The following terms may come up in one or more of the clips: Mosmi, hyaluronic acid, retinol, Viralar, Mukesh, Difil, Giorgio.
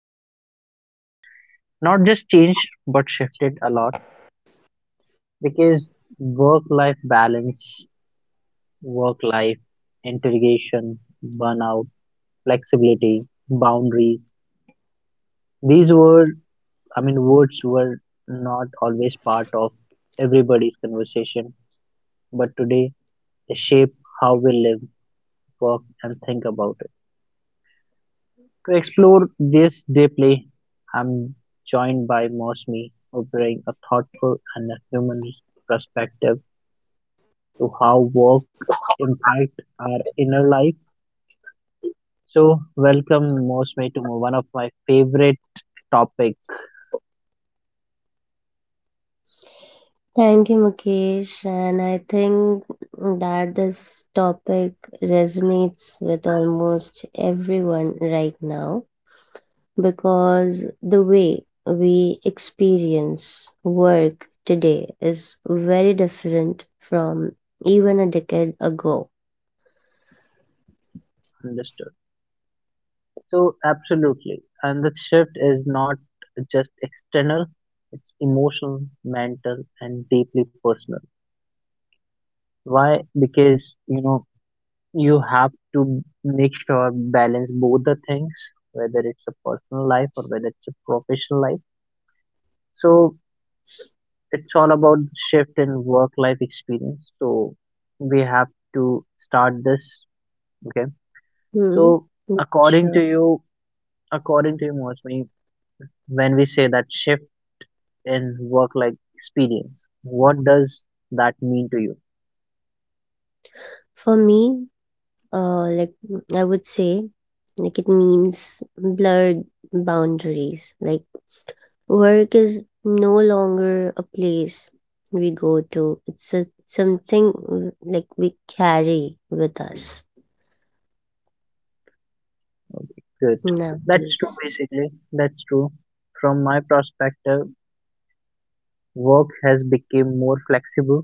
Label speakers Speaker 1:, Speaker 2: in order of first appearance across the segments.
Speaker 1: changed. Not just changed, but shifted a lot because work life balance, work life interrogation, burnout, flexibility, boundaries. These were words were not always part of everybody's conversation, but today they shape how we live, work, and think about it. To explore this deeply, I'm joined by Mosmi, who brings a thoughtful and a human perspective to how work impact our inner life. So, welcome Mosmi to one of my favorite topic,
Speaker 2: Thank you, Mukesh. And I think that this topic resonates with almost everyone right now because the way we experience work today is very different from even a decade ago.
Speaker 1: understood. So absolutely, and the shift is not just external; it's emotional, mental, and deeply personal. Why? Because you have to make sure balance both the things, whether it's a personal life or whether it's a professional life. So it's all about shift in work life experience. So we have to start this. Okay.
Speaker 2: Hmm.
Speaker 1: So according to
Speaker 2: Sure.
Speaker 1: you, according to you, Mosmi, when we say that shift in work like experience. What does that mean to you?
Speaker 2: For me, like I would say, like it means blurred boundaries. Like work is no longer a place we go to. It's something like we carry with us
Speaker 1: Okay, good. That's
Speaker 2: nowadays.
Speaker 1: true basically. That's true. From my perspective, work has become more flexible,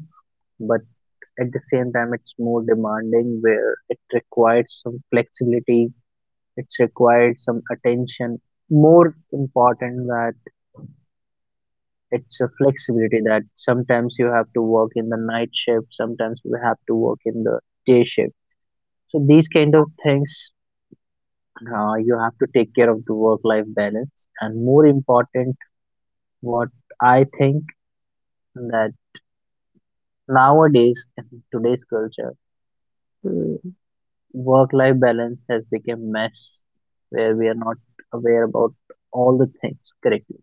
Speaker 1: but at the same time it's more demanding where it requires some flexibility, it's required some attention. More important that it's a flexibility that sometimes you have to work in the night shift, sometimes you have to work in the day shift. So these kind of things you have to take care of the work life balance and more important what I think that nowadays in today's culture
Speaker 2: Mm.
Speaker 1: work life balance has become mess where we are not aware about all the things correctly.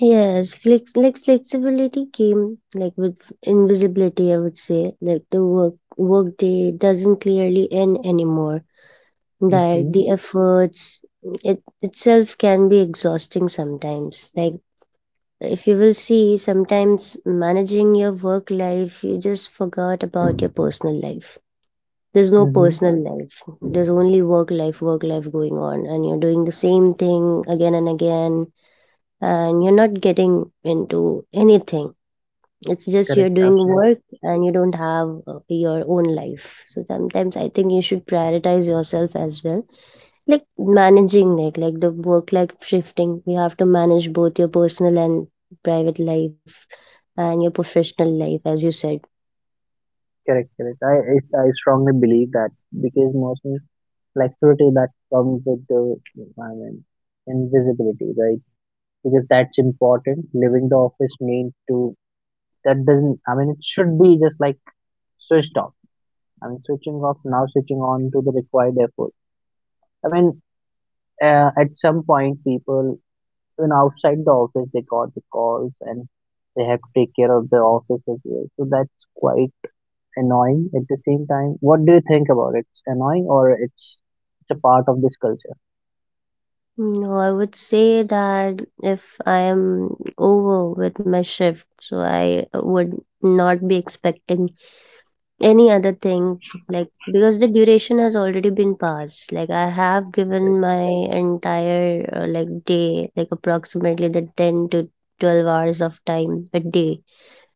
Speaker 2: Yes, flex like flexibility came like with invisibility, I would say. Like the work day doesn't clearly end anymore.
Speaker 1: Mm-hmm,
Speaker 2: Like the efforts it itself can be exhausting sometimes. Like if you will see, sometimes managing your work life, you just forgot about your personal life. There's no
Speaker 1: mm-hmm.
Speaker 2: personal life, there's only work life, work life going on, and you're doing the same thing again and again, and you're not getting into anything. It's just you're
Speaker 1: Correct,
Speaker 2: doing
Speaker 1: absolutely.
Speaker 2: work and you don't have your own life. So sometimes I think you should prioritize yourself as well, like managing it, like the work life shifting, you have to manage both your personal and private life and your professional life, as you said.
Speaker 1: Correct, correct. I I strongly believe that because mostly flexibility that comes with the, i mean invisibility, right? Because that's important. Leaving the office means to, that doesn't, it should be just like switched off. Switching off now switching on to the required effort. i mean at some point people even outside the office they got the calls and they have to take care of the office as well, so that's quite annoying. At the same time, what do you think about it? It's annoying or it's a part of this culture?
Speaker 2: No, I would say that if I am over with my shift, so I would not be expecting any other thing, like because the duration has already been passed. Like I have
Speaker 1: Right.
Speaker 2: given my entire, like, day, like approximately the 10 to 12 hours of time a day.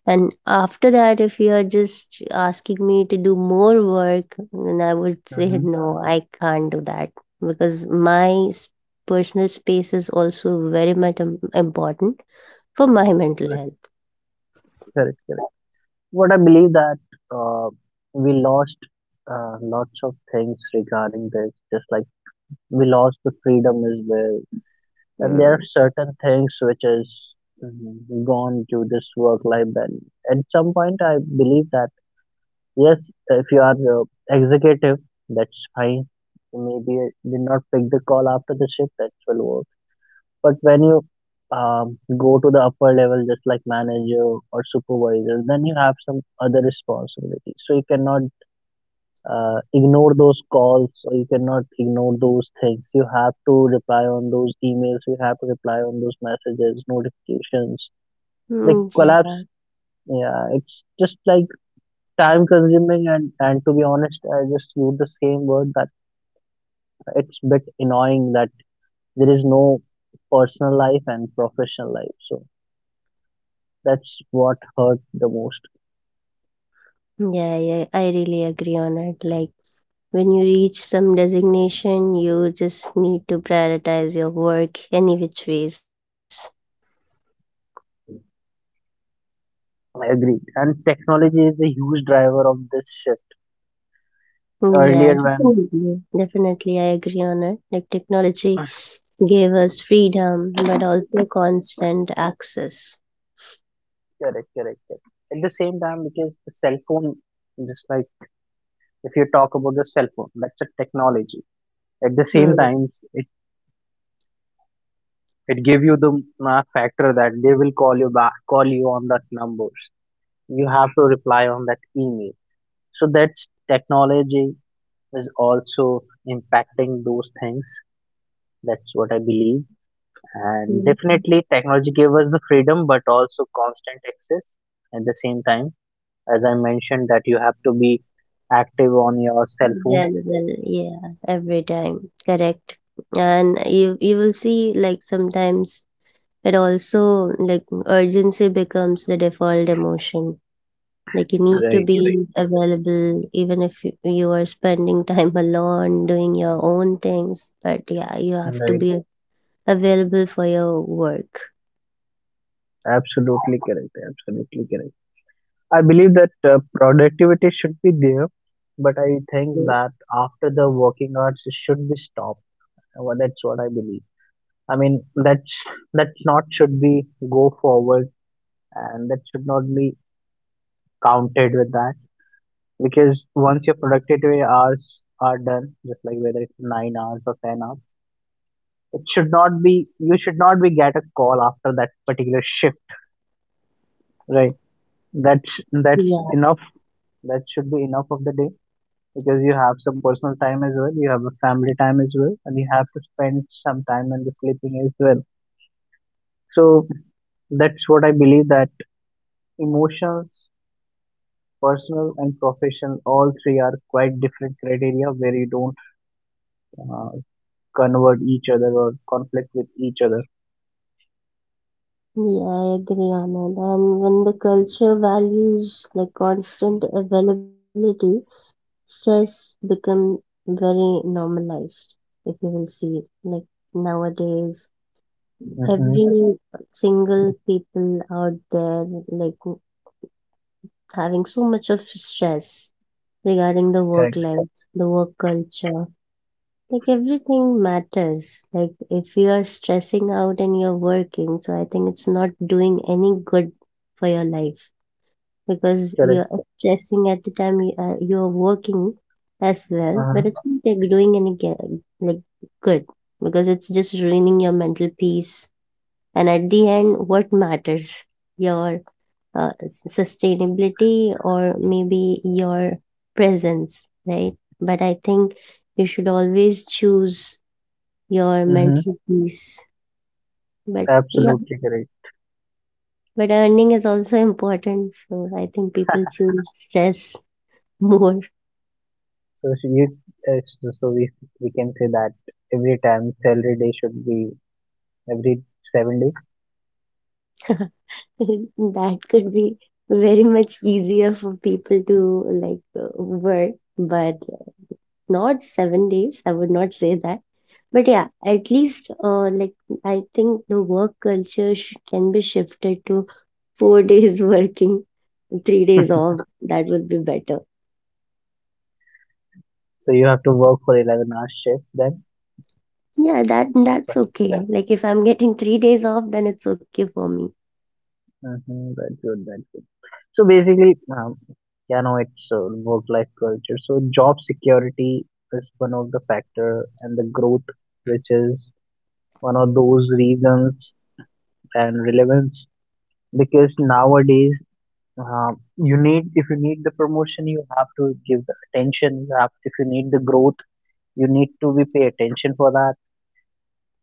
Speaker 2: And after that, if you are just asking me to do more work, then I would say
Speaker 1: Hmm.
Speaker 2: no, I can't do that because my personal space is also very much important for my mental
Speaker 1: Correct,
Speaker 2: health.
Speaker 1: correct, correct. What I believe that, uh, we lost, lots of things regarding this. Just like we lost the freedom as well. And there are
Speaker 2: Mm.
Speaker 1: certain things which is gone to this work life balance. At some point, I believe that yes, if you are executive, that's fine. You maybe did not pick the call after the shift, that will work. But when you go to the upper level, just like manager or supervisor, then you have some other responsibilities. So you cannot ignore those calls, or you cannot ignore those things. You have to reply on those emails, you have to reply on those messages, notifications, like
Speaker 2: Mm, yeah,
Speaker 1: collapse. Yeah, it's just like time consuming, and to be honest I just use the same word, that it's bit annoying that there is no personal life and professional life. So that's what hurt the most.
Speaker 2: yeah, yeah. I really agree on it. Like when you reach some designation, you just need to prioritize your work any which ways.
Speaker 1: I agree, and technology is a huge driver of this shift.
Speaker 2: Mm, yeah,
Speaker 1: Earlier when,
Speaker 2: definitely. Definitely, I agree on it. Like technology gave us freedom but also constant access.
Speaker 1: correct, correct, correct. At the same time, because the cell phone, just like if you talk about the cell phone, that's a technology. At the same
Speaker 2: Hmm.
Speaker 1: time, it it give you the factor that they will call you back, call you on that numbers. You have to reply on that email. So that's technology is also impacting those things. That's what I believe. And
Speaker 2: Mm.
Speaker 1: definitely, technology gave us the freedom, but also constant access at the same time. As I mentioned that you have to be active on your cell phone.
Speaker 2: Available, yeah, every time. Correct. And you will see, like, sometimes it also like urgency becomes the default emotion. Like you need to
Speaker 1: Right,
Speaker 2: be available even if you are spending time alone doing your own things. But yeah, you have
Speaker 1: right,
Speaker 2: to
Speaker 1: right.
Speaker 2: be available for your work.
Speaker 1: Absolutely correct. Absolutely correct. I believe that productivity should be there, but I think
Speaker 2: Mm.
Speaker 1: that after the working hours it should be stopped. Well, that's what I believe. I mean, that's that's not should be go forward, and that should not be counted with that because once your productivity hours are done, just like whether it's 9 hours or 10 hours. It should not be, you should not be get a call after that particular shift, right? That's
Speaker 2: Yeah.
Speaker 1: enough. That should be enough of the day because you have some personal time as well, you have a family time as well, and you have to spend some time in the sleeping as well. So that's what I believe that emotions, personal and professional, all three are quite different criteria where you don't uh, convert each other or conflict with each other.
Speaker 2: Yeah, I agree on it. And when the culture values like constant availability, stress become very normalized, if you will see. Like nowadays,
Speaker 1: Mm-hmm.
Speaker 2: every single people out there like having so much of stress regarding the work
Speaker 1: Correct.
Speaker 2: life, the work culture. Like everything matters. Like if you are stressing out and you're working, so I think it's not doing any good for your life because
Speaker 1: Correct.
Speaker 2: you're stressing at the time you're working as well, but
Speaker 1: Uh-huh.
Speaker 2: it's not like doing any like good, because it's just ruining your mental peace. And at the end, what matters? Your sustainability or maybe your presence, right? But I think you should always choose your
Speaker 1: Mm-hmm.
Speaker 2: mental peace. But yeah,
Speaker 1: Absolutely correct.
Speaker 2: but earning is also important, so I think people choose stress more.
Speaker 1: So she, you, so we can say that every time salary day should be every 7 days.
Speaker 2: That could be very much easier for people to like work, but not 7 days. I would not say that. But yeah, at least like I think the work culture sh can be shifted to four days working, 3 days off. That would be better.
Speaker 1: So you have to work for 11 hours shift then.
Speaker 2: Yeah, that's okay. Yeah. Like if I'm getting 3 days off, then it's okay for me.
Speaker 1: Mm-hmm, that's good. That's good. So basically, yeah, no, it's work-life culture. So job security is one of the factor, and the growth, which is one of those reasons and relevance, because nowadays Uh, you need, if you need the promotion, you have to give the attention. You have, if you need the growth, you need to be pay attention for that.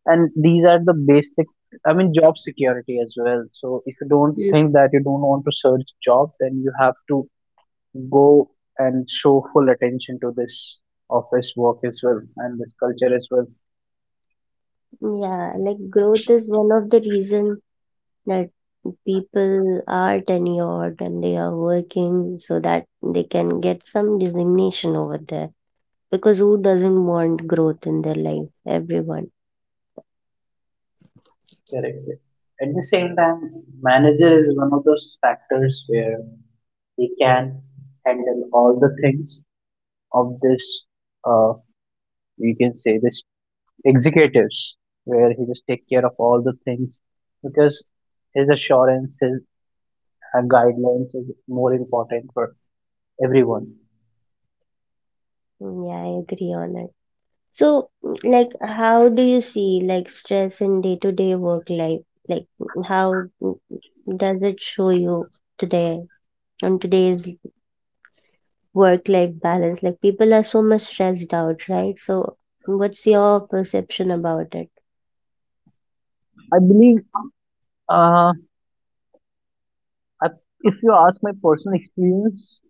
Speaker 1: And these are the basic. I mean, job security as well. So if you don't
Speaker 2: Mm.
Speaker 1: think that you don't want to search job, then you have to go and show full attention to this office work as well and this culture as well.
Speaker 2: Yeah, like growth is one of the reason that people are tenured and they are working so that they can get some designation over there. Because who doesn't want growth in their life? Everyone.
Speaker 1: Correctly. At the same time, manager is one of those factors where they can handle all the things of this, uh, we can say this executives, where he just take care of all the things because his assurance, his guidelines is more important for everyone.
Speaker 2: Mm, yeah, I agree on it. So, like, how do you see like stress in day to day work life? Like, how mm, does it show you today, on today's work life balance? Like, people are so much stressed out, right? So what's your perception about it?
Speaker 1: I believe, uh, I, if you ask my personal experience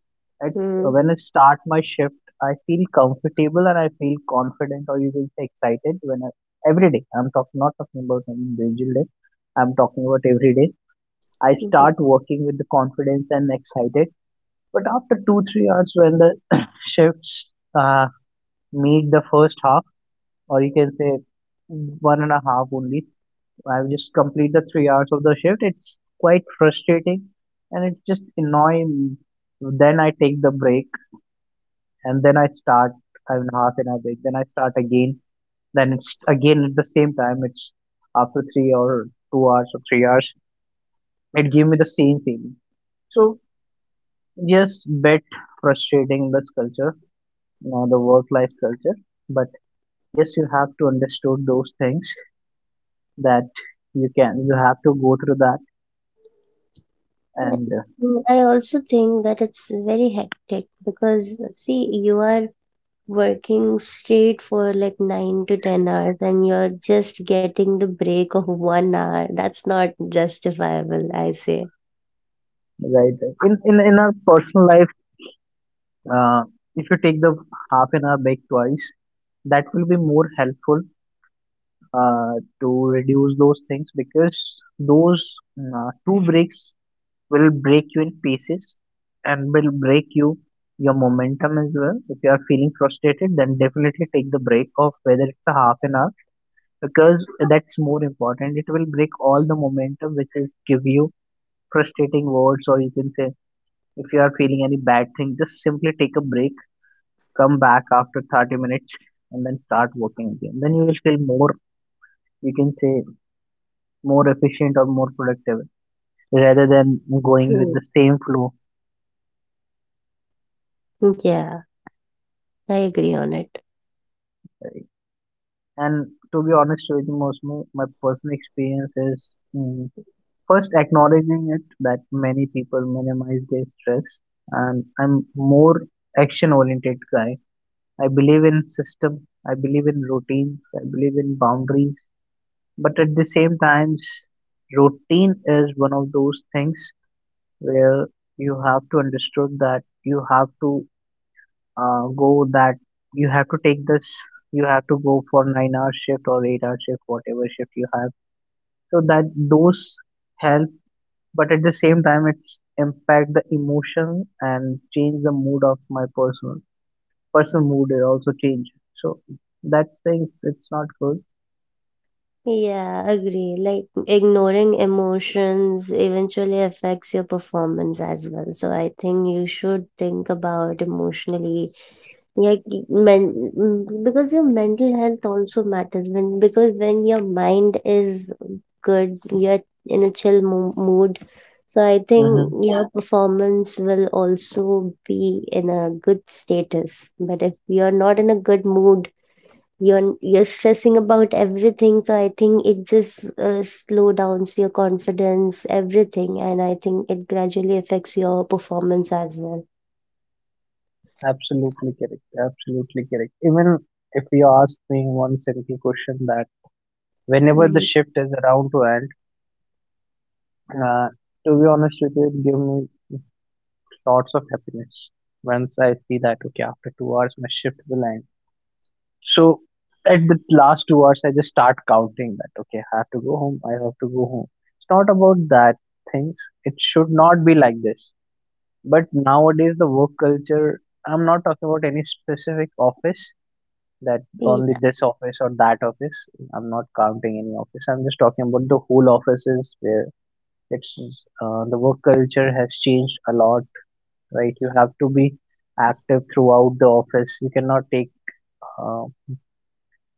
Speaker 1: at,
Speaker 2: Mm.
Speaker 1: when I start my shift I feel comfortable and I feel confident, or you can say excited when every day I'm talking, not talking about an individual day, I'm talking about every day I start working with the confidence and excited. But after two, 3 hours, when the shifts uh, meet the first half, or you can say one and a half only, I will just complete the 3 hours of the shift. It's quite frustrating and it's just annoying. Then I take the break and then I start, I mean, half an hour break, then I start again. Then it's again at the same time, it's after 3 or 2 hours or 3 hours, it gave me the same feeling. So, yes, bit frustrating this culture, you know the work life culture, but yes you have to understand those things that you can, you have to go through that
Speaker 2: Well,
Speaker 1: and
Speaker 2: I also think that it's very hectic because see, you are working straight for like 9 to 10 hours and you're just getting the break of 1 hour. That's not justifiable, I say.
Speaker 1: right, right. In our personal life, uh, if you take the half an hour break twice, that will be more helpful uh, to reduce those things because those two breaks will break you in pieces and will break you your momentum as well. If you are feeling frustrated, then definitely take the break of whether it's a half an hour because that's more important. It will break all the momentum which is give you frustrating words, or you can say if you are feeling any bad thing, just simply take a break, come back after 30 minutes, and then start working again. Then you will feel more, you can say, more efficient or more productive rather than going with
Speaker 2: Hmm.
Speaker 1: the same flow.
Speaker 2: Yeah, I agree on it.
Speaker 1: And to be honest with you, most my personal experience is mm, first, acknowledging it that many people minimize their stress, and I'm more action-oriented guy. I believe in system. I believe in routines. I believe in boundaries. But at the same time, routine is one of those things where you have to understood that you have to go that, you have to take this, you have to go for 9 hour shift or 8 hour shift, whatever shift you have, so that those help. But at the same time it's impact the emotion and change the mood of my personal mood, it also change. So that things, it's not good.
Speaker 2: Yeah, agree. Like ignoring emotions eventually affects your performance as well. So I think you should think about emotionally, like, because your mental health also matters. When because when your mind is good, you're in a chill mo mood. So I think
Speaker 1: Mm-hmm.
Speaker 2: your, yeah, performance will also be in a good status. But if you're not in a good mood, you're stressing about everything, so I think it just slow downs your confidence, everything. And I think it gradually affects your performance as well.
Speaker 1: Absolutely correct. Absolutely correct. Even if you ask me one simple question, that whenever the
Speaker 2: Hmm.
Speaker 1: shift is around to end, uh, to be honest with you, it gives me lots of happiness. Once I see that, okay, after 2 hours, my shift will end. So at the last 2 hours, I just start counting that okay, I have to go home. I have to go home. It's not about that things. It should not be like this. But nowadays, the work culture. I'm not talking about any specific office, that
Speaker 2: Yeah,
Speaker 1: only this office or that office. I'm not counting any office. I'm just talking about the whole offices where it's the work culture has changed a lot. Right, you have to be active throughout the office. You cannot take uh,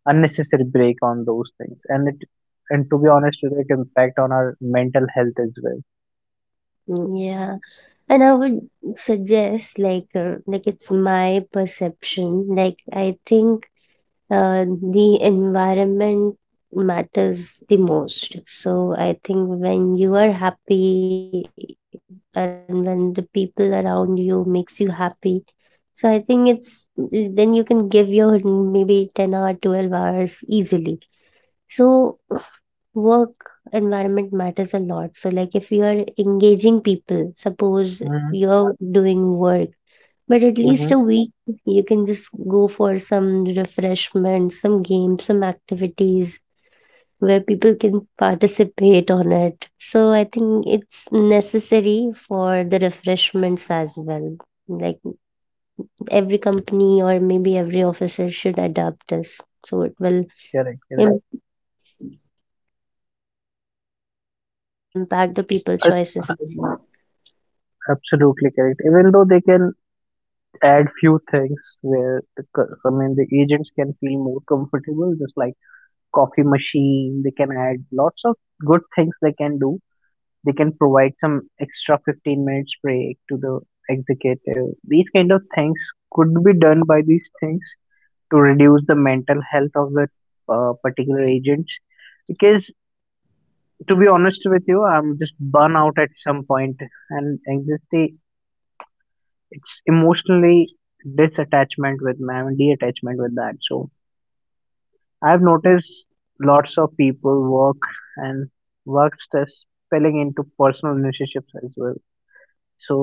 Speaker 1: unnecessary break on those things. And it and to be honest, it can impact on our mental health as well.
Speaker 2: yeah. And I would suggest, like it's my perception, like I think the environment matters the most. So I think when you are happy and when the people around you makes you happy, so I think it's, then you can give your maybe 10 hour, 12 hours easily. So work environment matters a lot. So like if you are engaging people, suppose
Speaker 1: Mm-hmm.
Speaker 2: you're doing work, but at least
Speaker 1: Mm-hmm.
Speaker 2: a week you can just go for some refreshment, some games, some activities where people can participate on it. So I think it's necessary for the refreshments as well, like every company or maybe every officer should adapt this. So it will
Speaker 1: Correct.
Speaker 2: im- impact the people choices as well.
Speaker 1: Absolutely correct. Even though they can add few things where the I mean the agents can feel more comfortable, just like coffee machine. They can add lots of good things they can do. They can provide some extra 15 minutes break to the executive. These kind of things could be done by these things to reduce the mental health of the particular agents. Because to be honest with you, I'm just burn out at some point, and anxiety, it's emotionally disattachment with my I mean, detachment with that. So I've noticed lots of people work and work stress spilling into personal relationships as well. So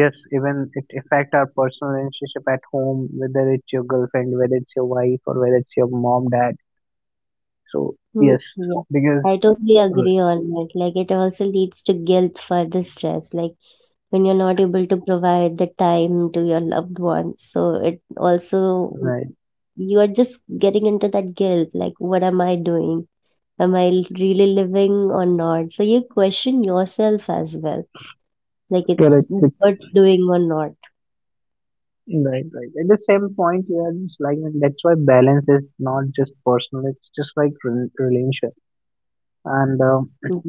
Speaker 1: yes, even it affect our personal relationship at home, whether it's your girlfriend, whether it's your wife, or whether it's your mom dad. So
Speaker 2: Mm,
Speaker 1: yes,
Speaker 2: yeah, I
Speaker 1: because
Speaker 2: totally
Speaker 1: right,
Speaker 2: agree on that. Like it also leads to guilt for the stress. Like when you're not able to provide the time to your loved ones, so it also,
Speaker 1: right,
Speaker 2: you are just getting into that guilt. Like, what am I doing? Am I really living or not? So you question yourself as well. Like, it's
Speaker 1: correct.
Speaker 2: worth doing or not.
Speaker 1: Right, right. At the same point, yeah, just like that's why balance is not just personal; it's just like relationship, and
Speaker 2: Hmm.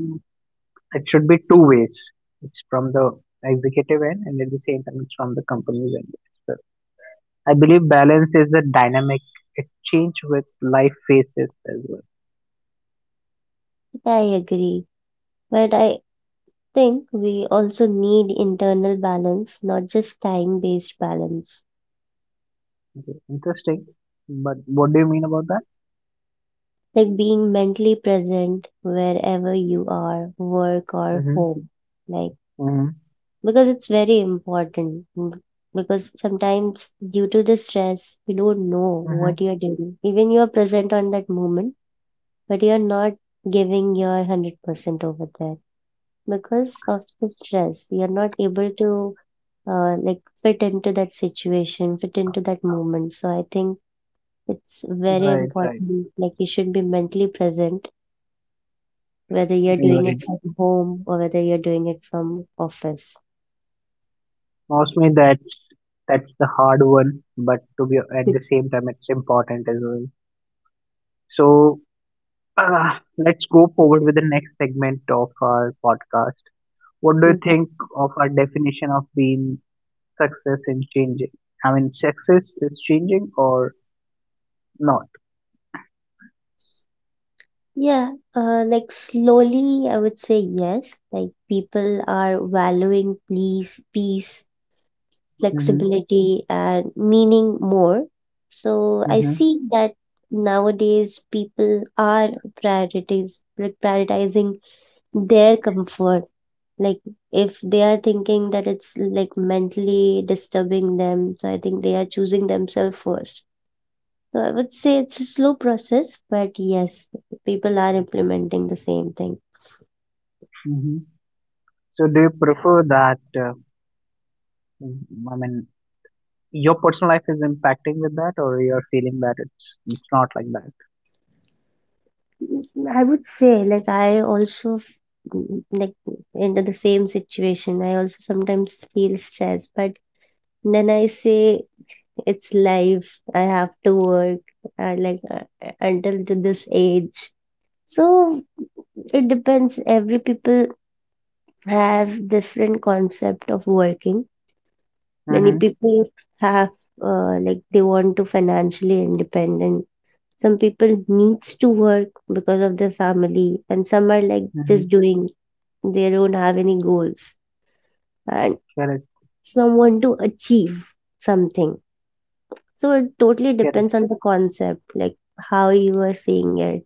Speaker 1: it should be two ways. It's from the executive end, and at the same time, it's from the company's end. So I believe balance is a dynamic exchange with life phases as well.
Speaker 2: I agree, but I think we also need internal balance, not just time based balance.
Speaker 1: Okay, interesting. But what do you mean about that?
Speaker 2: Like being mentally present wherever you are, work or
Speaker 1: Mm-hmm.
Speaker 2: home. Like,
Speaker 1: Mm-hmm.
Speaker 2: because it's very important. Because sometimes, due to the stress, you don't know
Speaker 1: Mm-hmm.
Speaker 2: what you're doing. Even you're present on that moment, but you're not giving your 100% over there. Because of the stress, you're not able to like fit into that situation, fit into that moment. So I think it's very
Speaker 1: Right, right,
Speaker 2: important. Like, you should be mentally present, whether you're doing it
Speaker 1: right.
Speaker 2: from home or whether you're doing it from office.
Speaker 1: Mostly that's the hard one, but to be at the same time, it's important as well. So let's go forward with the next segment of our podcast. What do you
Speaker 2: Mhm.
Speaker 1: think of our definition of being success and changing? I mean, success is changing or not?
Speaker 2: Yeah, like slowly, I would say yes. Like, people are valuing peace,
Speaker 1: Hmm.
Speaker 2: flexibility, and meaning more. So I
Speaker 1: Hmm.
Speaker 2: see that nowadays people are priorities like prioritizing their comfort, like if they are thinking that it's like mentally disturbing them, so I think they are choosing themselves first. So I would say it's a slow process, but yes, people are implementing the same thing.
Speaker 1: Hmm. So do you prefer that? Mm, I mean, your personal life is impacting with that, or you're feeling that it's not like that?
Speaker 2: Mm, I would say like I also like into the same situation. I also sometimes feel stressed, but then I say it's life, I have to work, like until to this age. So it depends, every people have different concept of working. Many
Speaker 1: Mm-hmm.
Speaker 2: people have, like, they want to financially independent. Some people needs to work because of their family, and some are like just
Speaker 1: Mm-hmm.
Speaker 2: doing, they don't have any goals, and
Speaker 1: Correct.
Speaker 2: some want to achieve something. So it totally
Speaker 1: Correct.
Speaker 2: depends on the concept, like how you are saying it.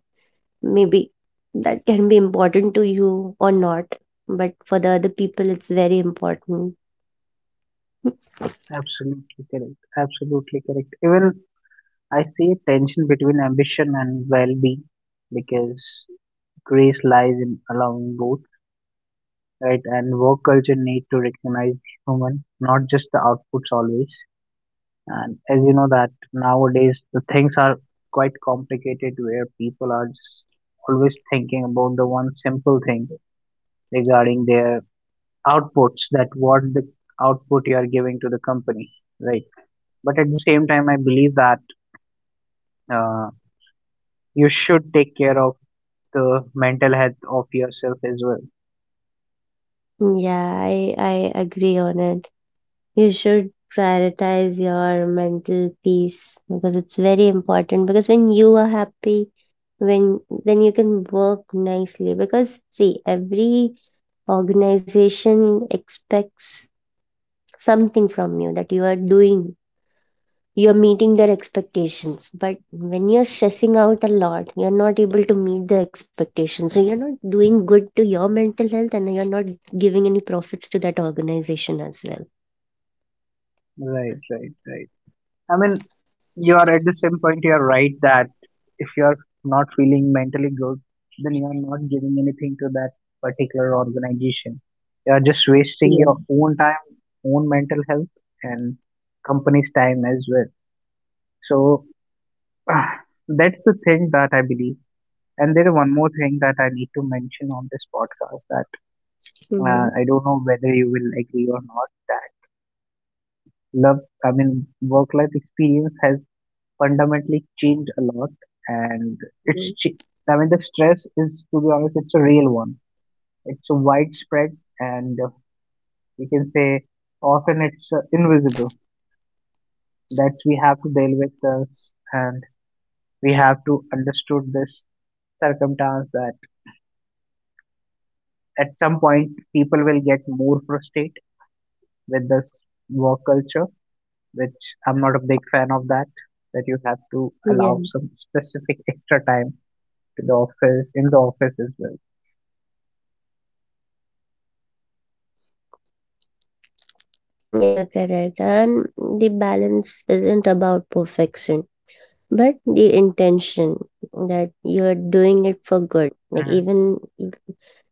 Speaker 2: Maybe that can be important to you or not, but for the other people, it's very important.
Speaker 1: Absolutely correct. Absolutely correct. Even I see a tension between ambition and well being, because grace lies in allowing both, right? And work culture need to recognize the human, not just the outputs always. And as you know that nowadays the things are quite complicated, where people are just always thinking about the one simple thing regarding their outputs, that what the output you are giving to the company, right? But at the same time I believe that uh, you should take care of the mental health of yourself as well.
Speaker 2: Yeah, I agree on it. You should prioritize your mental peace because it's very important. Because when you are happy, when then you can work nicely. Because see, every organization expects something from you that you are doing, you're meeting their expectations, but when you're stressing out a lot, you're not able to meet the expectations, so you're not doing good to your mental health, and you're not giving any profits to that organization as well.
Speaker 1: Right, right, right. I mean, you are at the same point, you are right that if you are not feeling mentally good, then you are not giving anything to that particular organization. You are just wasting your own
Speaker 2: Yeah.
Speaker 1: time, own mental health, and company's time as well. So that's the thing that I believe. And there is one more thing that I need to mention on this podcast that. I don't know whether
Speaker 2: Hmm.
Speaker 1: you will agree or not that love, I mean, work life experience has fundamentally changed a lot, and it's, ch- I mean, the
Speaker 2: Mhm.
Speaker 1: stress is, to be honest, it's a real one. It's a widespread, and we can say often it's invisible, that we have to deal with this, and we have to understood this circumstance that at some point people will get more frustrated with this work culture, which I'm not a big fan of that, that you have to
Speaker 2: Yeah,
Speaker 1: allow some specific extra time to the office, in the office as well.
Speaker 2: yeah, correct. And the balance isn't about perfection, but the intention, that you're doing it for good. Like,
Speaker 1: Hmm.
Speaker 2: even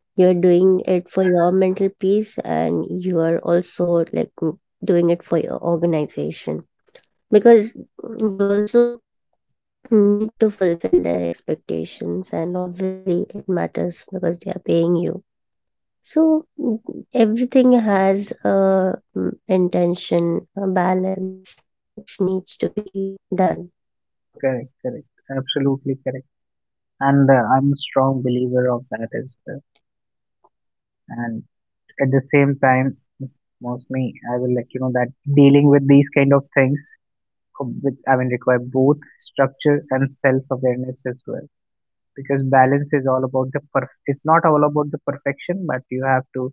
Speaker 2: you're doing it for your mental peace, and you are also like doing it for your organization, because you also need to fulfill their expectations, and obviously it matters because they are paying you. So, everything has a, intention, a balance which needs to be done.
Speaker 1: Correct, correct. Absolutely correct. And I'm a strong believer of that as well. And at the same time, mostly I will let you know that dealing with these kind of things, I mean, require both structure and self-awareness as well. Because balance is all about the perf. It's not all about the perfection, but you have to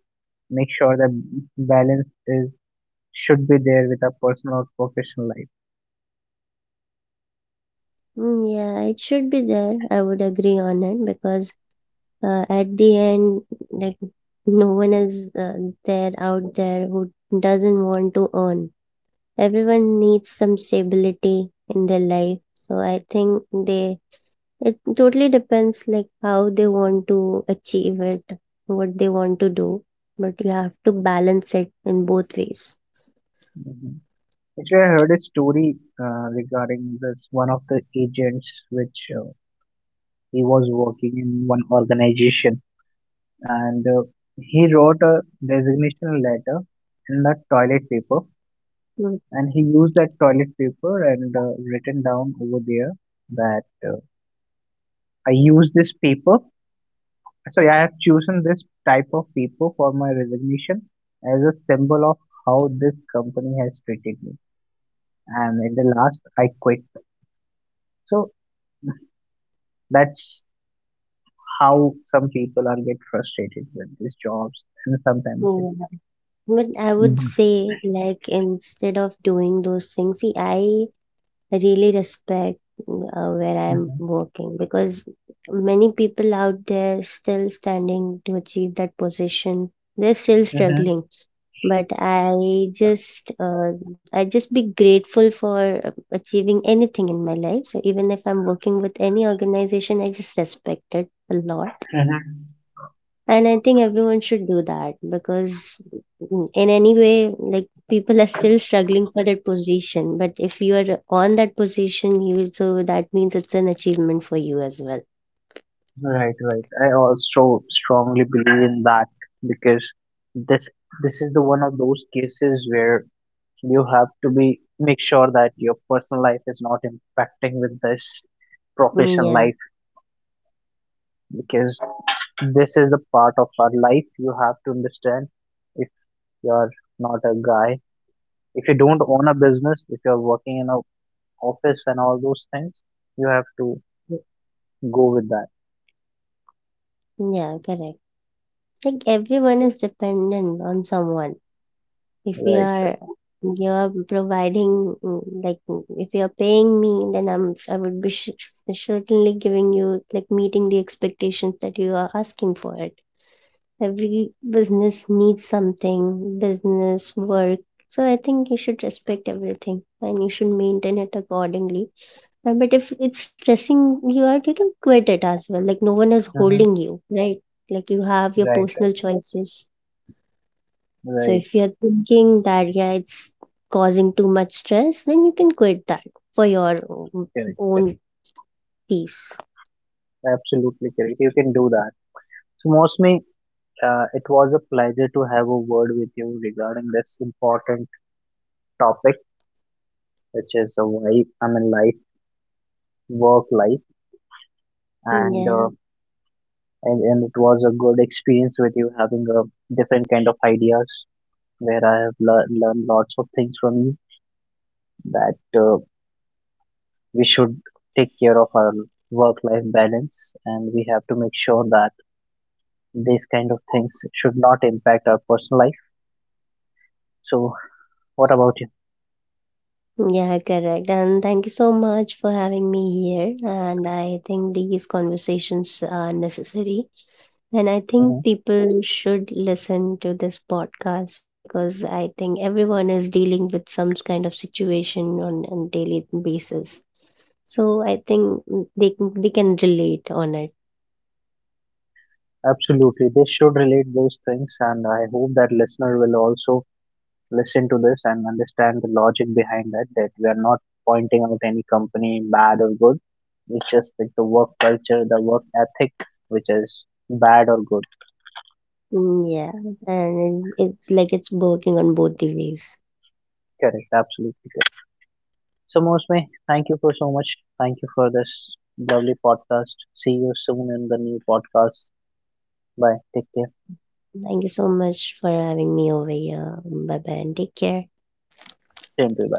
Speaker 1: make sure that balance is should be there with a personal or professional life.
Speaker 2: Mm, yeah, it should be there, I would agree on it, because at the end, like, no one is there out there who doesn't want to earn. Everyone needs some stability in their life. So I think they it totally depends, like how they want to achieve it, what they want to do, but you have to balance it in both ways.
Speaker 1: Mhm. Actually, I heard a story regarding this one of the agents which he was working in one organization, and he wrote a resignation letter in that toilet paper,
Speaker 2: Mm,
Speaker 1: and he used that toilet paper and written down over there that I use this paper. Sorry, I have chosen this type of paper for my resignation as a symbol of how this company has treated me, and in the last I quit. So that's how some people are get frustrated with these jobs and sometimes
Speaker 2: so,
Speaker 1: it
Speaker 2: but I would
Speaker 1: Mhm,
Speaker 2: say, like, instead of doing those things, see, I really respect, where I'm
Speaker 1: mhm,
Speaker 2: working, because many people out there still standing to achieve that position. They're still
Speaker 1: mhm,
Speaker 2: struggling, but I just be grateful for achieving anything in my life. So even if I'm working with any organization, I just respect it a lot,
Speaker 1: mhm.
Speaker 2: and I think everyone should do that because, in any way, like, people are still struggling for that position. But if you are on that position, you so that means it's an achievement for you as well.
Speaker 1: Right, right. I also strongly believe in that, because this this is the one of those cases where you have to be make sure that your personal life is not impacting with this
Speaker 2: Mm,
Speaker 1: professional
Speaker 2: yeah,
Speaker 1: life. Because this is the part of our life, you have to understand, if you're not a guy, if you don't own a business, if you're working in a office and all those things, you have to go with that.
Speaker 2: yeah, correct. Like, everyone is dependent on someone. If you
Speaker 1: Right,
Speaker 2: are you are providing, like, if you are paying me, then I would be sh certainly giving you, like, meeting the expectations that you are asking for. Every business needs something, business, work. So I think you should respect everything, and you should maintain it accordingly. But if it's stressing you out, you can quit it as well. Like, no one is
Speaker 1: mm-hmm.
Speaker 2: holding you, right? Like, you have your
Speaker 1: Right,
Speaker 2: personal
Speaker 1: right,
Speaker 2: choices. So
Speaker 1: right,
Speaker 2: if you're thinking that, yeah, it's causing too much stress, then you can quit that for your
Speaker 1: correct, correct,
Speaker 2: own peace.
Speaker 1: absolutely correct. You can do that. So mostly, it was a pleasure to have a word with you regarding this important topic, which is a wife I mean life, work life, and
Speaker 2: Yeah.
Speaker 1: and it was a good experience with you, having a different kind of ideas where I have learned lots of things from you, that we should take care of our work life balance, and we have to make sure that these kind of things should not impact our personal life. So what about you?
Speaker 2: Yeah, correct. And thank you so much for having me here. And I think these conversations are necessary. And I
Speaker 1: Hmm.
Speaker 2: think people should listen to this podcast because I think everyone is dealing with some kind of situation on a daily basis. So I think they can relate on it.
Speaker 1: Absolutely, they should relate those things, and I hope that listener will also listen to this and understand the logic behind that, that we are not pointing out any company bad or good. It's just like the work culture, the work ethic, which is bad or good.
Speaker 2: Mm, yeah, and it's like it's working on both the ways.
Speaker 1: Correct, absolutely. So, Mosme, thank you for so much. Thank you for this lovely podcast. See you soon in the new podcast. Bye. Take care.
Speaker 2: Thank you so much for having me over here. Bye bye and take care.
Speaker 1: Stay tuned.